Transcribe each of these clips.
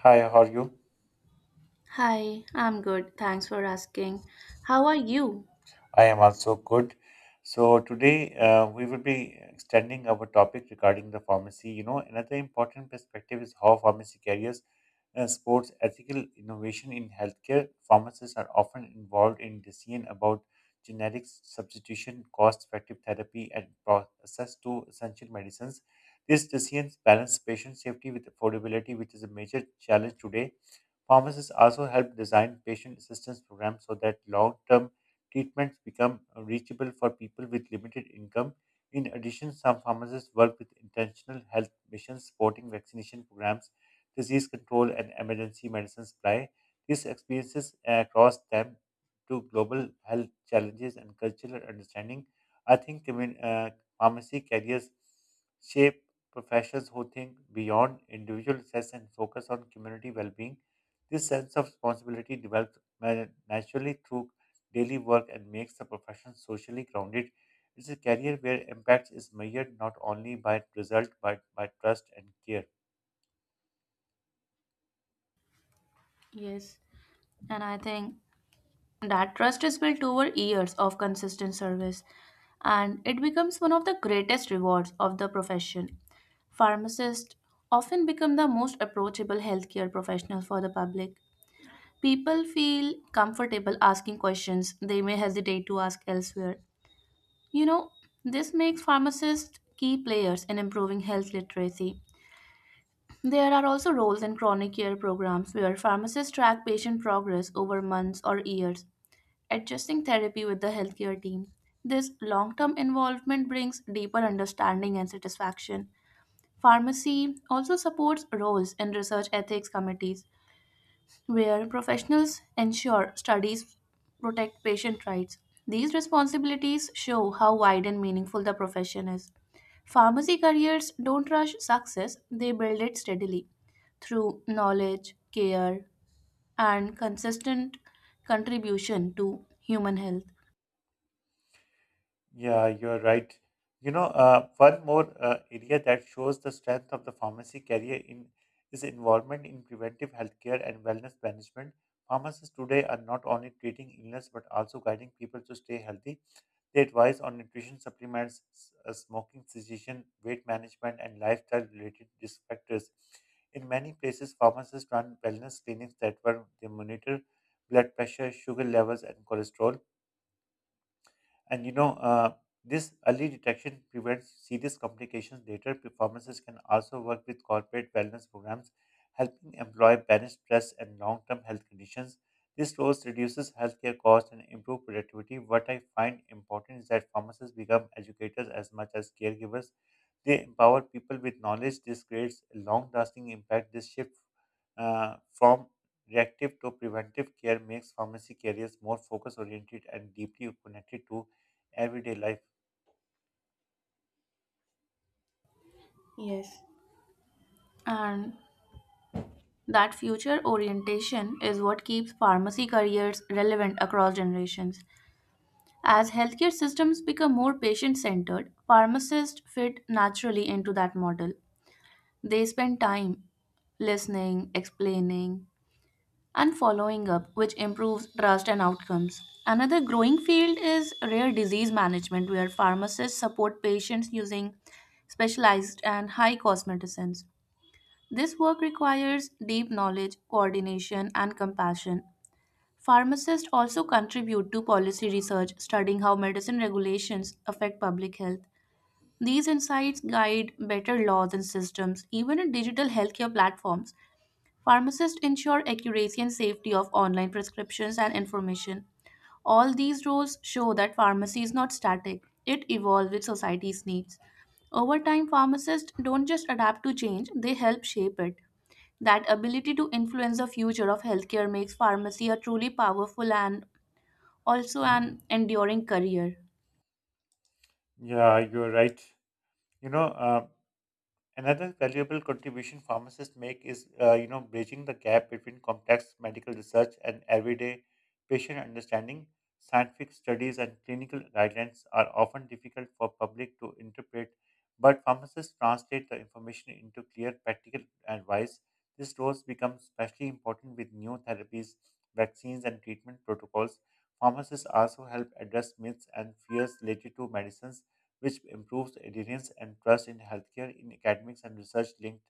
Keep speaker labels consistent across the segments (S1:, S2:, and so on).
S1: Hi, how are you?
S2: Hi, I'm good. Thanks for asking. How are you?
S1: I am also good. So today we will be extending our topic regarding the pharmacy. You know, another important perspective is how pharmacy carriers supports ethical innovation in healthcare. Pharmacists are often involved in decision about generic substitution, cost-effective therapy, and access to essential medicines. These decisions balance patient safety with affordability, which is a major challenge today. Pharmacists also help design patient assistance programs so that long term treatments become reachable for people with limited income. In addition, some pharmacists work with intentional health missions supporting vaccination programs, disease control, and emergency medicine supply. These experiences across them to global health challenges and cultural understanding. I think commun- uh, Pharmacy carriers shape professions who think beyond individual success and focus on community well-being. This sense of responsibility develops naturally through daily work and makes the profession socially grounded. It's a career where impact is measured not only by result but by trust and care.
S2: Yes, and I think that trust is built over years of consistent service, and it becomes one of the greatest rewards of the profession. Pharmacists often become the most approachable healthcare professional for the public. People feel comfortable asking questions they may hesitate to ask elsewhere. You know, this makes pharmacists key players in improving health literacy. There are also roles in chronic care programs where pharmacists track patient progress over months or years, adjusting therapy with the healthcare team. This long term involvement brings deeper understanding and satisfaction. Pharmacy also supports roles in research ethics committees, where professionals ensure studies protect patient rights. These responsibilities show how wide and meaningful the profession is. Pharmacy careers don't rush success, they build it steadily through knowledge, care, and consistent contribution to human health.
S1: Yeah, you're right. One more area that shows the strength of the pharmacy career in is involvement in preventive healthcare and wellness management. Pharmacists today are not only treating illness but also guiding people to stay healthy. They advise on nutrition supplements, smoking cessation, weight management, and lifestyle-related risk factors. In many places, pharmacists run wellness clinics that were they monitor blood pressure, sugar levels, and cholesterol. And you know, uh, this early detection prevents serious complications later. Performances can also work with corporate wellness programs, helping employ balance stress and long-term health conditions. This role reduces healthcare costs and improve productivity. What I find important is that pharmacists become educators as much as caregivers. They empower people with knowledge. This creates a long-lasting impact. This shift from reactive to preventive care makes pharmacy careers more focus-oriented and deeply connected to everyday life.
S2: Yes. And that future orientation is what keeps pharmacy careers relevant across generations. As healthcare systems become more patient centered, pharmacists fit naturally into that model. They spend time listening, explaining, and following up, which improves trust and outcomes. Another growing field is rare disease management, where pharmacists support patients using specialized and high cost medicines. This work requires deep knowledge, coordination, and compassion. Pharmacists also contribute to policy research, studying how medicine regulations affect public health. These insights guide better laws and systems. Even in digital healthcare platforms, pharmacists ensure accuracy and safety of online prescriptions and information. All these roles show that pharmacy is not static, it evolves with society's needs. Over time, pharmacists don't just adapt to change, they help shape it. That ability to influence the future of healthcare makes pharmacy a truly powerful and also an enduring career.
S1: Yeah, you're right. You know, um, Another valuable contribution pharmacists make is, bridging the gap between complex medical research and everyday patient understanding. Scientific studies and clinical guidelines are often difficult for public to interpret, but pharmacists translate the information into clear practical advice. This role becomes especially important with new therapies, vaccines, and treatment protocols. Pharmacists also help address myths and fears related to medicines which improves adherence and trust in healthcare, in academics and research linked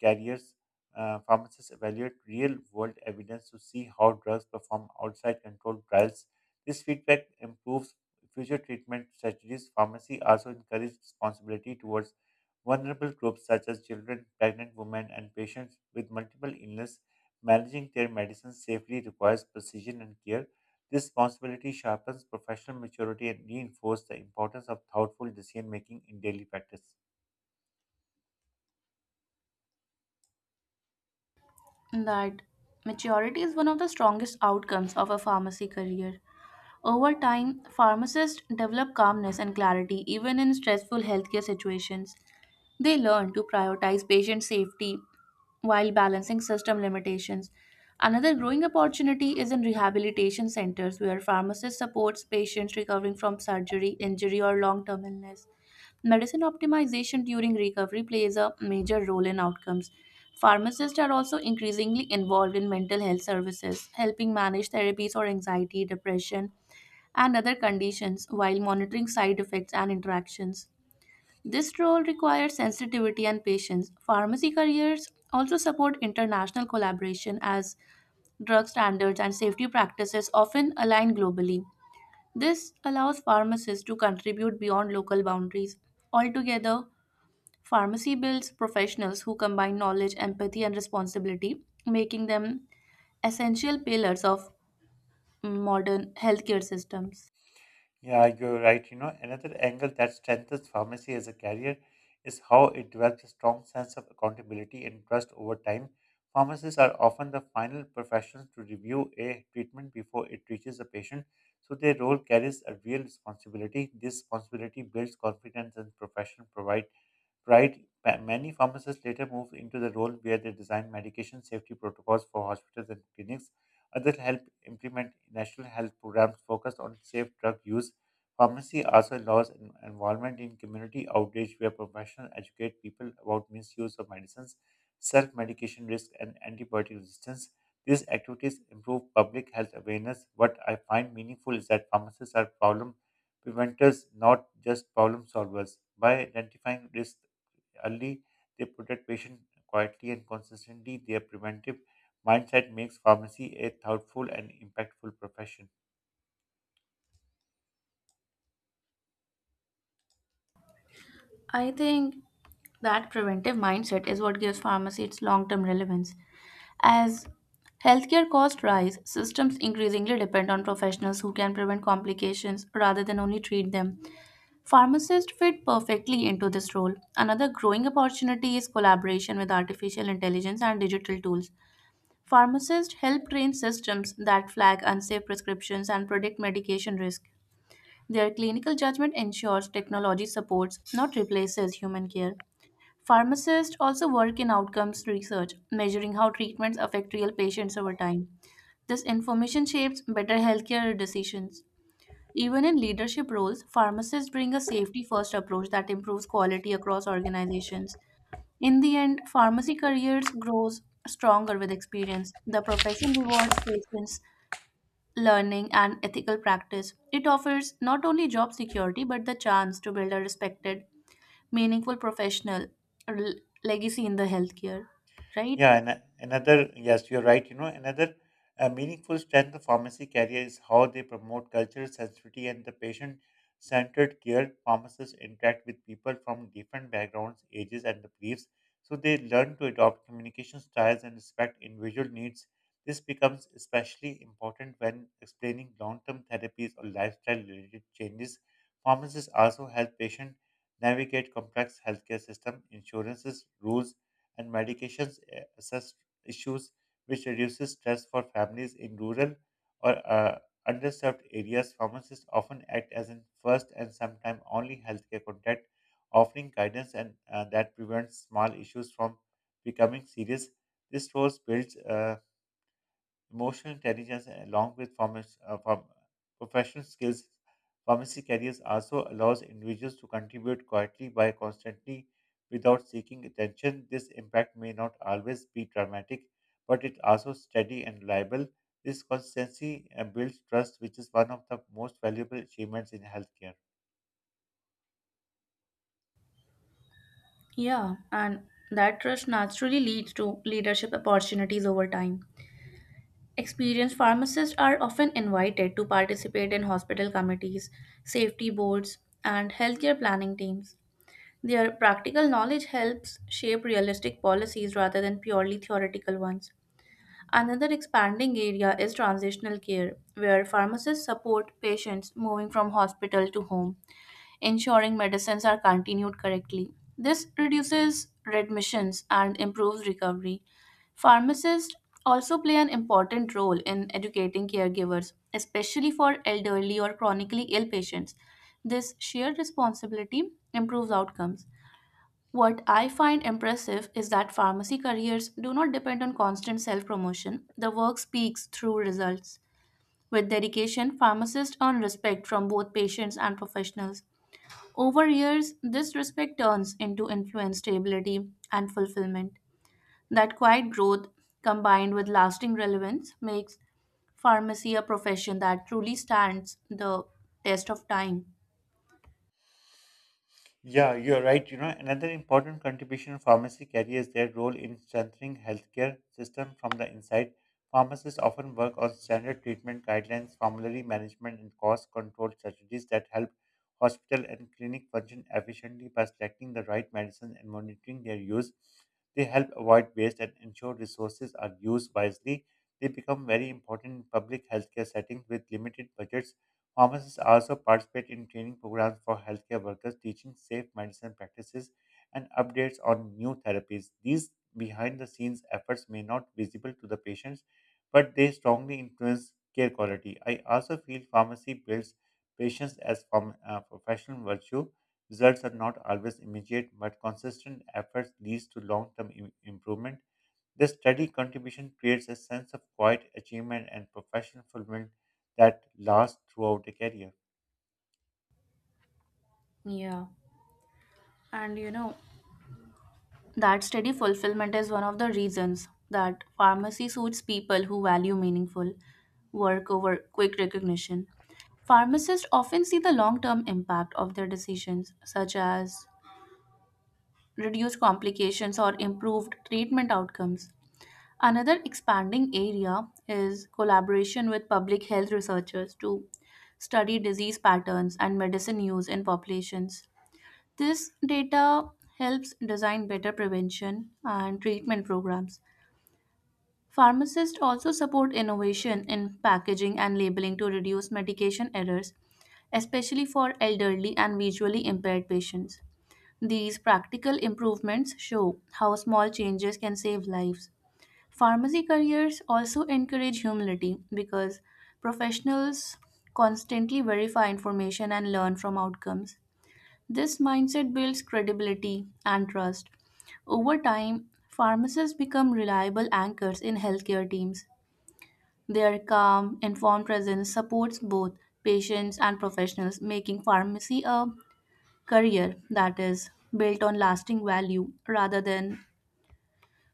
S1: careers. Pharmacists evaluate real world evidence to see how drugs perform outside controlled trials. This feedback improves future treatment strategies. Pharmacy also encourages responsibility towards vulnerable groups such as children, pregnant women, and patients with multiple illness. Managing their medicines safely requires precision and care. This responsibility sharpens professional maturity and reinforces the importance of thoughtful decision making in daily practice.
S2: That maturity is one of the strongest outcomes of a pharmacy career. Over time, pharmacists develop calmness and clarity even in stressful healthcare situations. They learn to prioritize patient safety while balancing system limitations. Another growing opportunity is in rehabilitation centers where pharmacists supports patients recovering from surgery, injury or long-term illness. Medicine optimization during recovery plays a major role in outcomes. Pharmacists are also increasingly involved in mental health services, helping manage therapies for anxiety, depression, and other conditions while monitoring side effects and interactions. This role requires sensitivity and patience. Pharmacy careers also support international collaboration as drug standards and safety practices often align globally. This allows pharmacists to contribute beyond local boundaries. Altogether, pharmacy builds professionals who combine knowledge, empathy, and responsibility, making them essential pillars of modern healthcare systems.
S1: Yeah, you're right. You know, another angle that strengthens pharmacy as a career is how it develops a strong sense of accountability and trust over time. Pharmacists are often the final professionals to review a treatment before it reaches the patient, so their role carries a real responsibility. This responsibility builds confidence and professional provide. Right? Many pharmacists later moved into the role where they design medication safety protocols for hospitals and clinics. Others help implement national health programs focused on safe drug use. Pharmacy also allows an involvement in community outreach where professionals educate people about misuse of medicines, self medication risk, and antibiotic resistance. These activities improve public health awareness. What I find meaningful is that pharmacists are problem preventers, not just problem solvers. By identifying risks, early, they protect patients quietly and consistently. Their preventive mindset makes pharmacy a thoughtful and impactful profession.
S2: I think that preventive mindset is what gives pharmacy its long term relevance. As healthcare costs rise, systems increasingly depend on professionals who can prevent complications rather than only treat them. Pharmacists fit perfectly into this role. Another growing opportunity is collaboration with artificial intelligence and digital tools. Pharmacists help train systems that flag unsafe prescriptions and predict medication risk. Their clinical judgment ensures technology supports, not replaces, human care. Pharmacists also work in outcomes research, measuring how treatments affect real patients over time. This information shapes better healthcare decisions. Even in leadership roles, pharmacists bring a safety first approach that improves quality across organizations. In the end, pharmacy careers grows stronger with experience. The profession rewards patience, learning, and ethical practice. It offers not only job security but the chance to build a respected, meaningful professional rel- legacy in the healthcare. Right?
S1: Yeah, and yes, you're right. You know, another meaningful strength of pharmacy career is how they promote cultural sensitivity and the patient centered care. Pharmacists interact with people from different backgrounds, ages, and the beliefs, so they learn to adopt communication styles and respect individual needs. This becomes especially important when explaining long term therapies or lifestyle related changes. Pharmacists also help patients navigate complex healthcare system, insurances, rules, and medications assess issues, which reduces stress for families in rural or underserved areas. Pharmacists often act as a first and sometimes only healthcare contact, offering guidance and that prevents small issues from becoming serious. This role builds emotional intelligence along with professional skills, pharmacy careers also allows individuals to contribute quietly by constantly without seeking attention. This impact may not always be dramatic, but it also steady and reliable. This consistency builds trust, which is one of the most valuable achievements in healthcare.
S2: Yeah, and that trust naturally leads to leadership opportunities over time. Experienced pharmacists are often invited to participate in hospital committees, safety boards, and healthcare planning teams. Their practical knowledge helps shape realistic policies rather than purely theoretical ones. Another expanding area is transitional care, where pharmacists support patients moving from hospital to home ensuring medicines are continued correctly. This reduces readmissions and improves recovery. Pharmacists also play an important role in educating caregivers, especially for elderly or chronically ill patients. This shared responsibility improves outcomes. What I find impressive is that pharmacy careers do not depend on constant self promotion. The work speaks through results. With dedication, pharmacists earn respect from both patients and professionals. Over years, this respect turns into influence, stability, and fulfillment. That quiet growth, combined with lasting relevance, makes pharmacy a profession that truly stands the test of time.
S1: Yeah, you're right. You know, another important contribution of pharmacy carriers their role in strengthening healthcare system from the inside. Pharmacists often work on standard treatment guidelines, formulary management, and cost control strategies that help hospital and clinic function efficiently by selecting the right medicine and monitoring their use. They help avoid waste and ensure resources are used wisely. They become very important in public healthcare settings with limited budgets. Pharmacists also participate in training programs for healthcare workers, teaching safe medicine practices and updates on new therapies. These behind the scenes efforts may not visible to the patients, but they strongly influence care quality. I also feel pharmacy builds patience as professional virtue. Results are not always immediate, but consistent efforts leads to long-term improvement. This steady contribution creates a sense of quiet achievement and professional fulfillment that lasts throughout a career.
S2: Yeah. And you know, that steady fulfillment is one of the reasons that pharmacy suits people who value meaningful work over quick recognition. Pharmacists often see the long term impact of their decisions, such as reduce complications, or improved treatment outcomes. Another expanding area is collaboration with public health researchers to study disease patterns and medicine use in populations. This data helps design better prevention and treatment programs. Pharmacists also support innovation in packaging and labeling to reduce medication errors, especially for elderly and visually impaired patients. These practical improvements show how small changes can save lives. Pharmacy careers also encourage humility because professionals constantly verify information and learn from outcomes. This mindset builds credibility and trust. Over time, pharmacists become reliable anchors in healthcare teams. Their calm, informed presence supports both patients and professionals, making pharmacy a career that is built on lasting value rather than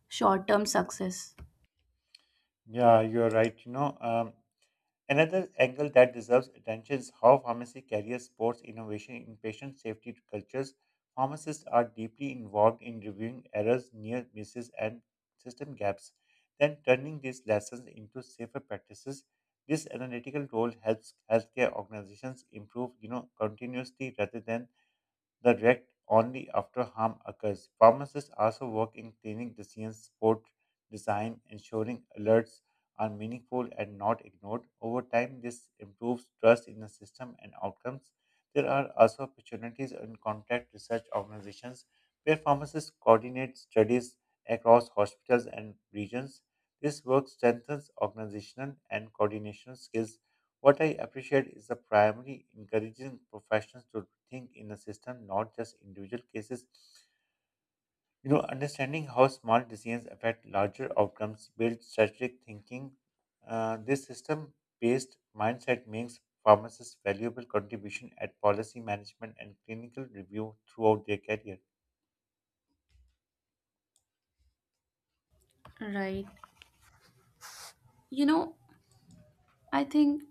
S2: short term success.
S1: Yeah, you're right. Another angle that deserves attention is how pharmacy carriers supports innovation in patient safety cultures. Pharmacists are deeply involved in reviewing errors, near misses, and system gaps, then turning these lessons into safer practices. This analytical role helps healthcare organizations improve, you know, continuously rather than the wreck only after harm occurs. Pharmacists also work in cleaning the scene's sport design, ensuring alerts are meaningful and not ignored. Over time, this improves trust in the system and outcomes. There are also opportunities in contract research organizations where pharmacists coordinate studies across hospitals and regions. This work strengthens organizational and coordination skills. What I appreciate is the primary encouraging professionals to think in a system, not just individual cases. You know, understanding how small decisions affect larger outcomes builds strategic thinking. This system-based mindset makes pharmacists valuable contribution at policy management and clinical review throughout their career.
S2: Right. You know, I think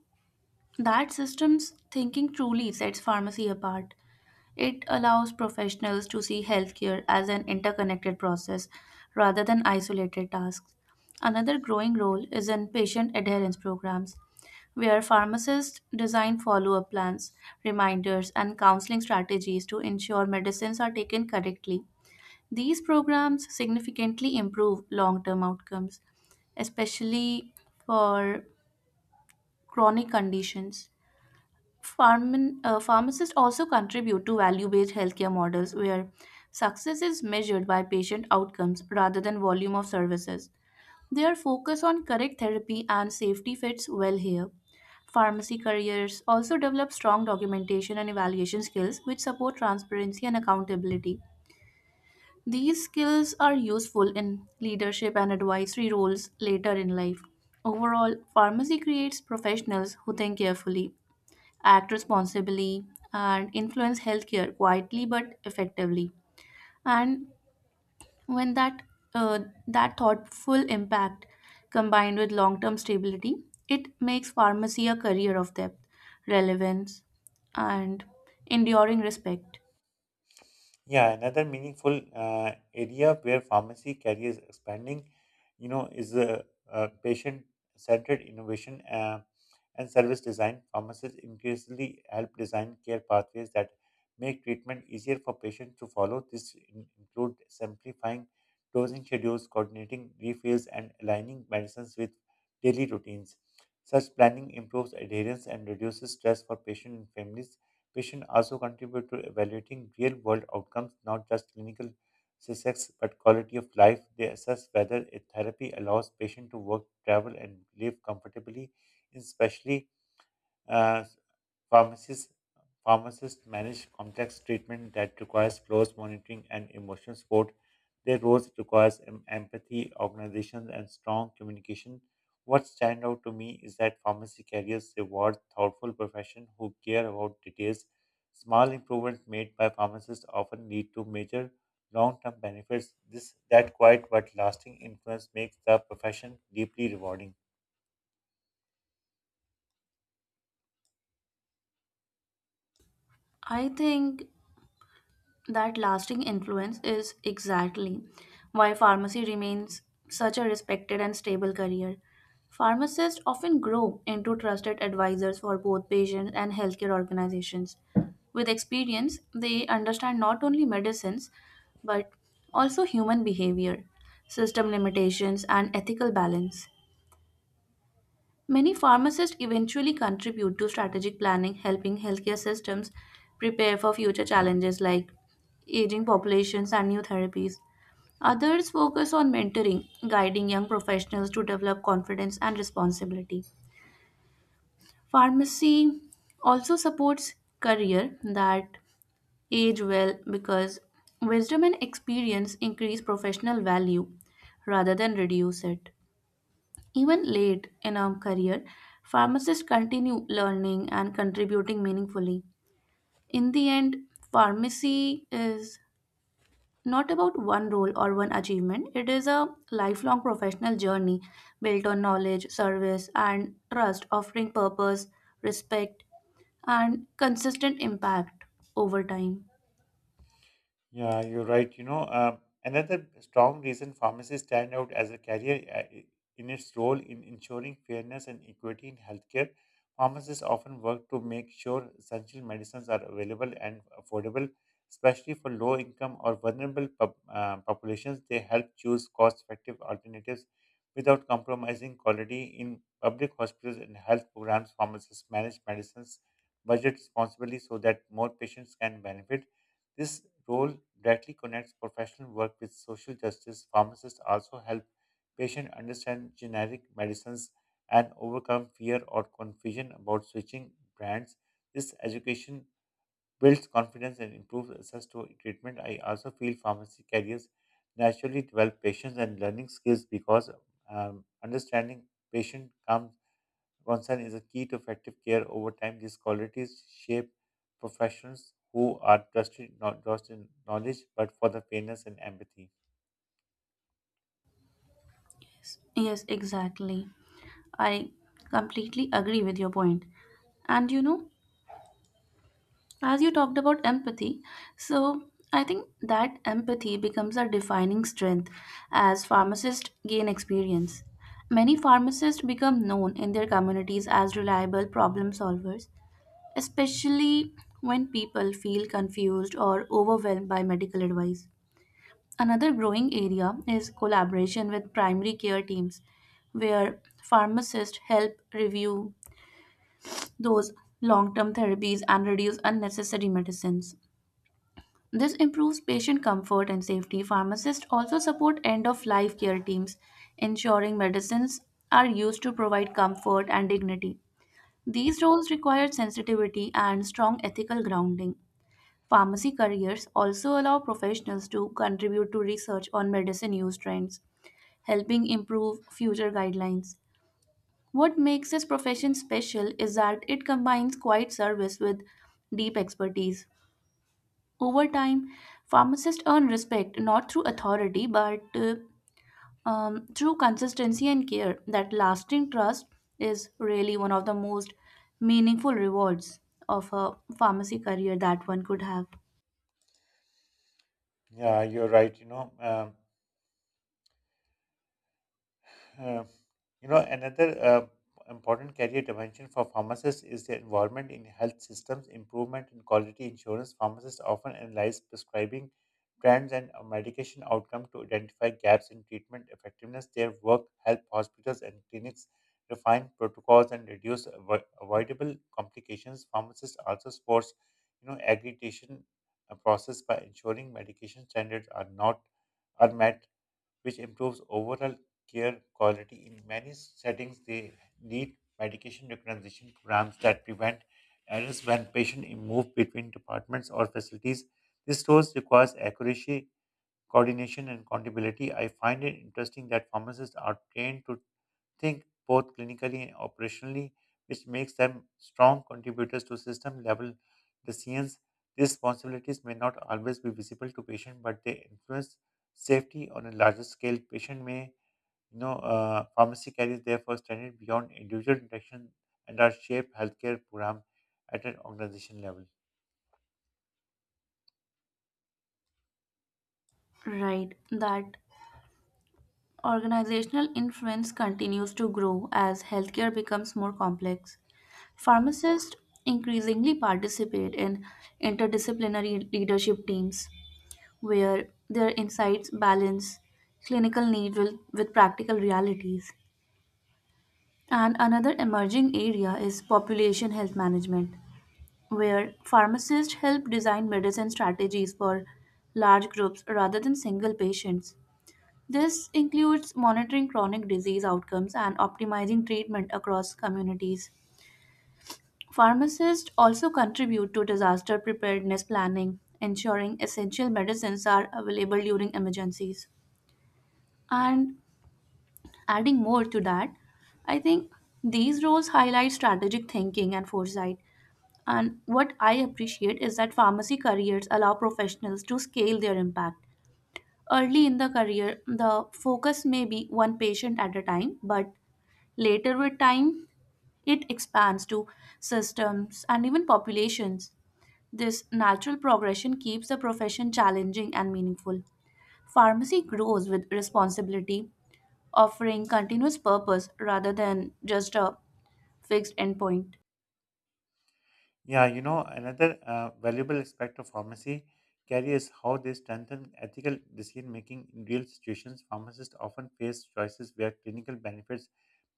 S2: that systems thinking truly sets pharmacy apart. It allows professionals to see healthcare as an interconnected process rather than isolated tasks. Another growing role is in patient adherence programs, where pharmacists design follow up plans, reminders, and counseling strategies to ensure medicines are taken correctly. These programs significantly improve long term outcomes, especially for chronic conditions. Pharmacists also contribute to value based healthcare models where success is measured by patient outcomes rather than volume of services. Their focus on correct therapy and safety fits well here. Pharmacy careers also develop strong documentation and evaluation skills which support transparency and accountability. These skills are useful in leadership and advisory roles later in life. Overall, pharmacy creates professionals who think carefully, act responsibly, and influence healthcare quietly but effectively. And when that uh, that thoughtful impact combined with long-term stability, it makes pharmacy a career of depth, relevance, and enduring respect.
S1: Yeah, another meaningful area where pharmacy career is expanding, you know, is patient-centered innovation and service design. Pharmacists increasingly help design care pathways that make treatment easier for patients to follow. This include simplifying dosing schedules, coordinating refills, and aligning medicines with daily routines. Such planning improves adherence and reduces stress for patients and families. Patients also contribute to evaluating real world outcomes, not just clinical success, but quality of life. They assess whether a therapy allows patients to work, travel, and live comfortably, especially uh, pharmacists, pharmacists manage complex treatment that requires close monitoring and emotional support. Their roles requires empathy, organization, and strong communication. What stand out to me is that pharmacy carriers reward thoughtful profession who care about details. Small improvements made by pharmacists often lead to major long-term benefits. This that quiet but lasting influence makes the profession deeply rewarding.
S2: I think that lasting influence is exactly why pharmacy remains such a respected and stable career. Pharmacists often grow into trusted advisors for both patients and healthcare organizations. With experience, they understand not only medicines but also human behavior, system limitations, and ethical balance. Many pharmacists eventually contribute to strategic planning, helping healthcare systems prepare for future challenges like aging populations and new therapies. Others focus on mentoring, guiding young professionals to develop confidence and responsibility. Pharmacy also supports career that age well because wisdom and experience increase professional value rather than reduce it. Even late in our career, pharmacists continue learning and contributing meaningfully. In the end, pharmacy is not about one role or one achievement, it is a lifelong professional journey built on knowledge, service, and trust, offering purpose, respect, and consistent impact over time.
S1: Yeah, you're right. Another strong reason pharmacists stand out as a career I- in its role in ensuring fairness and equity in healthcare. Pharmacists often work to make sure essential medicines are available and affordable, especially for low income or vulnerable populations. They help choose cost effective alternatives without compromising quality. In public hospitals and health programs, pharmacists manage medicines budget responsibly so that more patients can benefit this role directly connects professional work with social justice. Pharmacists also help patients understand generic medicines and overcome fear or confusion about switching brands. This education builds confidence and improves access to treatment. I also feel pharmacy careers naturally develop patience and learning skills because understanding patient comes concern is a key to effective care over time. These qualities shape professionals who are trusted not just in knowledge but for the fairness and empathy.
S2: Yes, exactly. I completely agree with your point. And you know, as you talked about empathy, so I think that empathy becomes a defining strength as pharmacists gain experience. Many pharmacists become known in their communities as reliable problem solvers, especially when people feel confused or overwhelmed by medical advice. Another growing area is collaboration with primary care teams, where pharmacists help review those long term therapies and reduce unnecessary medicines. This improves patient comfort and safety. Pharmacists also support end of life care teams, ensuring medicines are used to provide comfort and dignity. These roles require sensitivity and strong ethical grounding. Pharmacy careers also allow professionals to contribute to research on medicine use trends, helping improve future guidelines. What makes this profession special is that it combines quiet service with deep expertise. Over time, pharmacists earn respect not through authority but through consistency and care. That lasting trust is really one of the most meaningful rewards of a pharmacy career that one could have.
S1: Yeah, you're right. Uh, Another important career dimension for pharmacists is the involvement in health systems, improvement in quality insurance. Pharmacists often analyze prescribing trends and medication outcome to identify gaps in treatment effectiveness. Their work help hospitals and clinics refine protocols and reduce avoidable complications. Pharmacists also supports, you know, aggregation process by ensuring medication standards are not are met which improves overall care quality. In many settings, they need medication recognition programs that prevent errors when patients move between departments or facilities. This source requires accuracy, coordination, and accountability. I find it interesting that pharmacists are trained to think both clinically and operationally, which makes them strong contributors to system level decisions. These responsibilities may not always be visible to patient, but they influence safety on a larger scale. Patient may, pharmacy carries therefore standard beyond individual interaction and are shape healthcare program at an organization level.
S2: Right, that organizational influence continues to grow as healthcare becomes more complex. Pharmacists increasingly participate in interdisciplinary leadership teams where their insights balance clinical need with practical realities. And another emerging area is population health management, where pharmacists help design medicine strategies for large groups rather than single patients. This includes monitoring chronic disease outcomes and optimizing treatment across communities. Pharmacists also contribute to disaster preparedness planning, ensuring essential medicines are available during emergencies. And adding more to that, I think these roles highlight strategic thinking and foresight. And what I appreciate is that pharmacy careers allow professionals to scale their impact. Early in the career, the focus may be one patient at a time, but later with time, it expands to systems and even populations. This natural progression keeps the profession challenging and meaningful. Pharmacy grows with responsibility offering continuous purpose rather than just a fixed endpoint.
S1: Yeah, you know, another valuable aspect of pharmacy care is how they strengthen ethical decision making in real situations. Pharmacists often face choices where clinical benefits,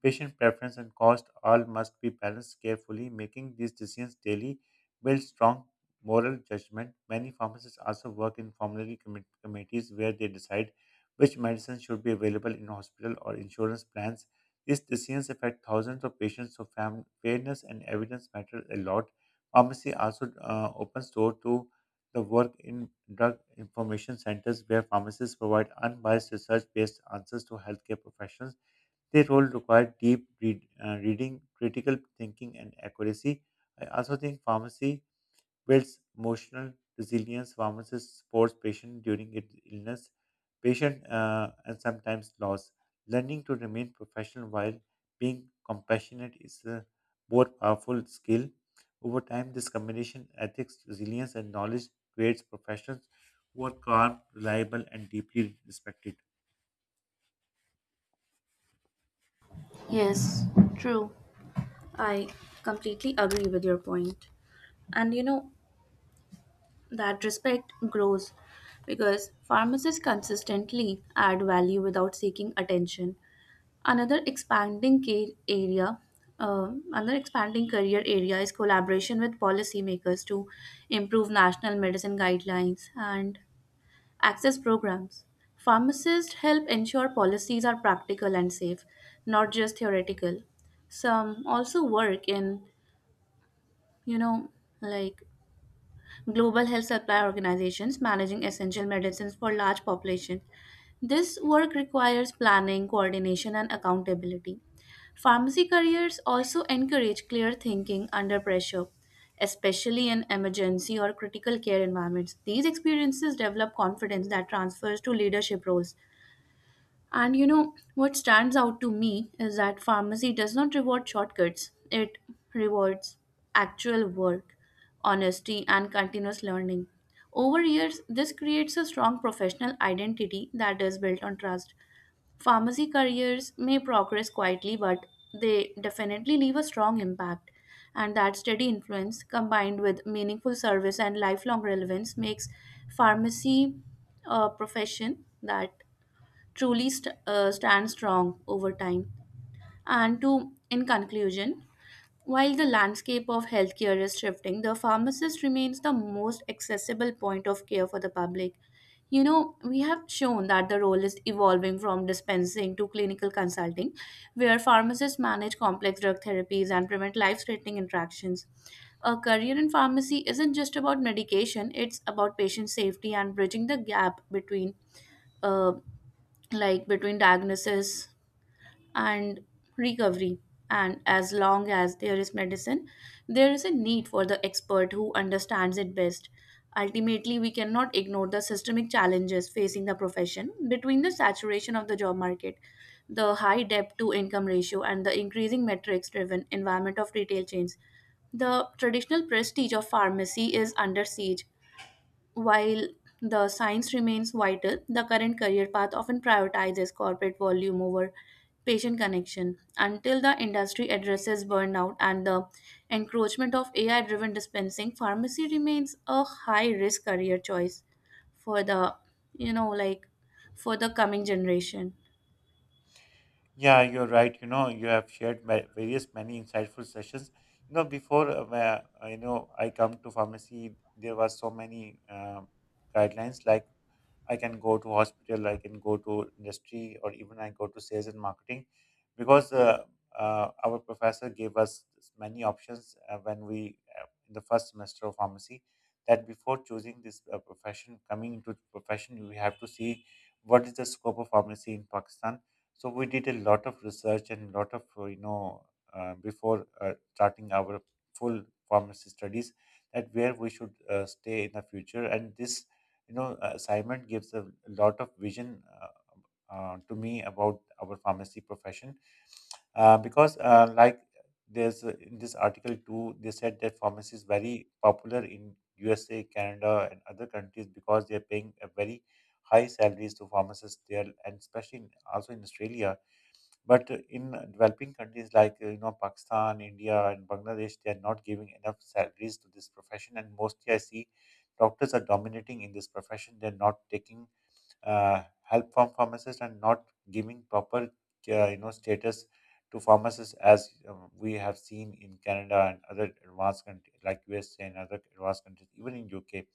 S1: patient preference, and cost all must be balanced carefully. Making these decisions daily builds strong moral judgment. Many pharmacists also work in committees where they decide which medicines should be available in hospital or insurance plans. These decisions affect thousands of patients, so fairness and evidence matter a lot. Pharmacy also opens door to the work in drug information centers where pharmacists provide unbiased research-based answers to healthcare professionals. Their role requires reading, critical thinking, and accuracy. I also think pharmacy builds emotional resilience. Pharmacist supports patient during its illness, patient and sometimes loss. Learning to remain professional while being compassionate is a both powerful skill. Over time, this combination ethics, resilience, and knowledge creates professions who are calm, reliable, and deeply respected.
S2: Yes, true. I completely agree with your point. And you know, that respect grows because pharmacists consistently add value without seeking attention. Another expanding care area, Another expanding career area is collaboration with policymakers to improve national medicine guidelines and access programs. Pharmacists help ensure policies are practical and safe, not just theoretical. Some also work in, you know, like global health supply organizations managing essential medicines for large populations. This work requires planning, coordination, and accountability. Pharmacy careers also encourage clear thinking under pressure, especially in emergency or critical care environments. These experiences develop confidence that transfers to leadership roles. And you know, what stands out to me is that pharmacy does not reward shortcuts, it rewards actual work, honesty, and continuous learning. Over years, this creates a strong professional identity that is built on trust. Pharmacy careers may progress quietly, but they definitely leave a strong impact. And that steady influence, combined with meaningful service and lifelong relevance, makes pharmacy a profession that truly stand strong over time. And to in conclusion, while the landscape of healthcare is shifting, the pharmacist remains the most accessible point of care for the public. You know, we have shown that the role is evolving from dispensing to clinical consulting, where pharmacists manage complex drug therapies and prevent life threatening interactions. A career in pharmacy isn't just about medication, it's about patient safety and bridging the gap between uh, like between diagnosis and recovery. And as long as there is medicine, there is a need for the expert who understands it best. Ultimately, we cannot ignore the systemic challenges facing the profession between the saturation of the job market, the high debt to income ratio, and the increasing metrics driven environment of retail chains. The traditional prestige of pharmacy is under siege while the science remains vital, the current career path often prioritizes corporate volume over patient connection. Until the industry addresses burnout and the encroachment of AI driven dispensing, pharmacy remains a high risk career choice for the, you know, like for the coming generation.
S1: Yeah, you're right. You know, you have shared various many insightful sessions. You know, you know I come to pharmacy, there were so many guidelines like I can go to hospital, I can go to industry, or even I go to sales and marketing, because our professor gave us many options when we in the first semester of pharmacy. That before choosing this profession, coming into the profession, we have to see what is the scope of pharmacy in Pakistan. So we did a lot of research and a lot of you know before starting our full pharmacy studies that where we should stay in the future and this Simon gives a lot of vision to me about our pharmacy profession because like there's in this article too they said that pharmacy is very popular in USA, Canada and other countries because they're paying a very high salaries to pharmacists there and especially in, also in Australia but in developing countries like you know Pakistan, India, and Bangladesh, they are not giving enough salaries to this profession, and mostly I see doctors are dominating in this profession. They're not taking help from pharmacists and not giving proper you know status to pharmacists as we have seen in Canada and other advanced countries like USA and other advanced countries, even in UK.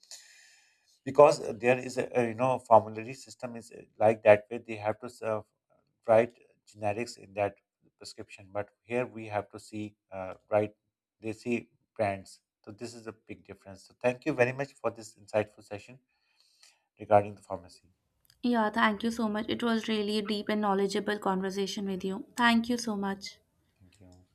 S1: Because there is a you know formulary system is like that way they have to serve, write generics in that prescription, but here we have to see right they see brands. So this is a big difference. So thank you very much for this insightful session regarding the pharmacy.
S2: Yeah, thank you so much. It was really a deep and knowledgeable conversation with you. Thank you so much.
S1: Thank you.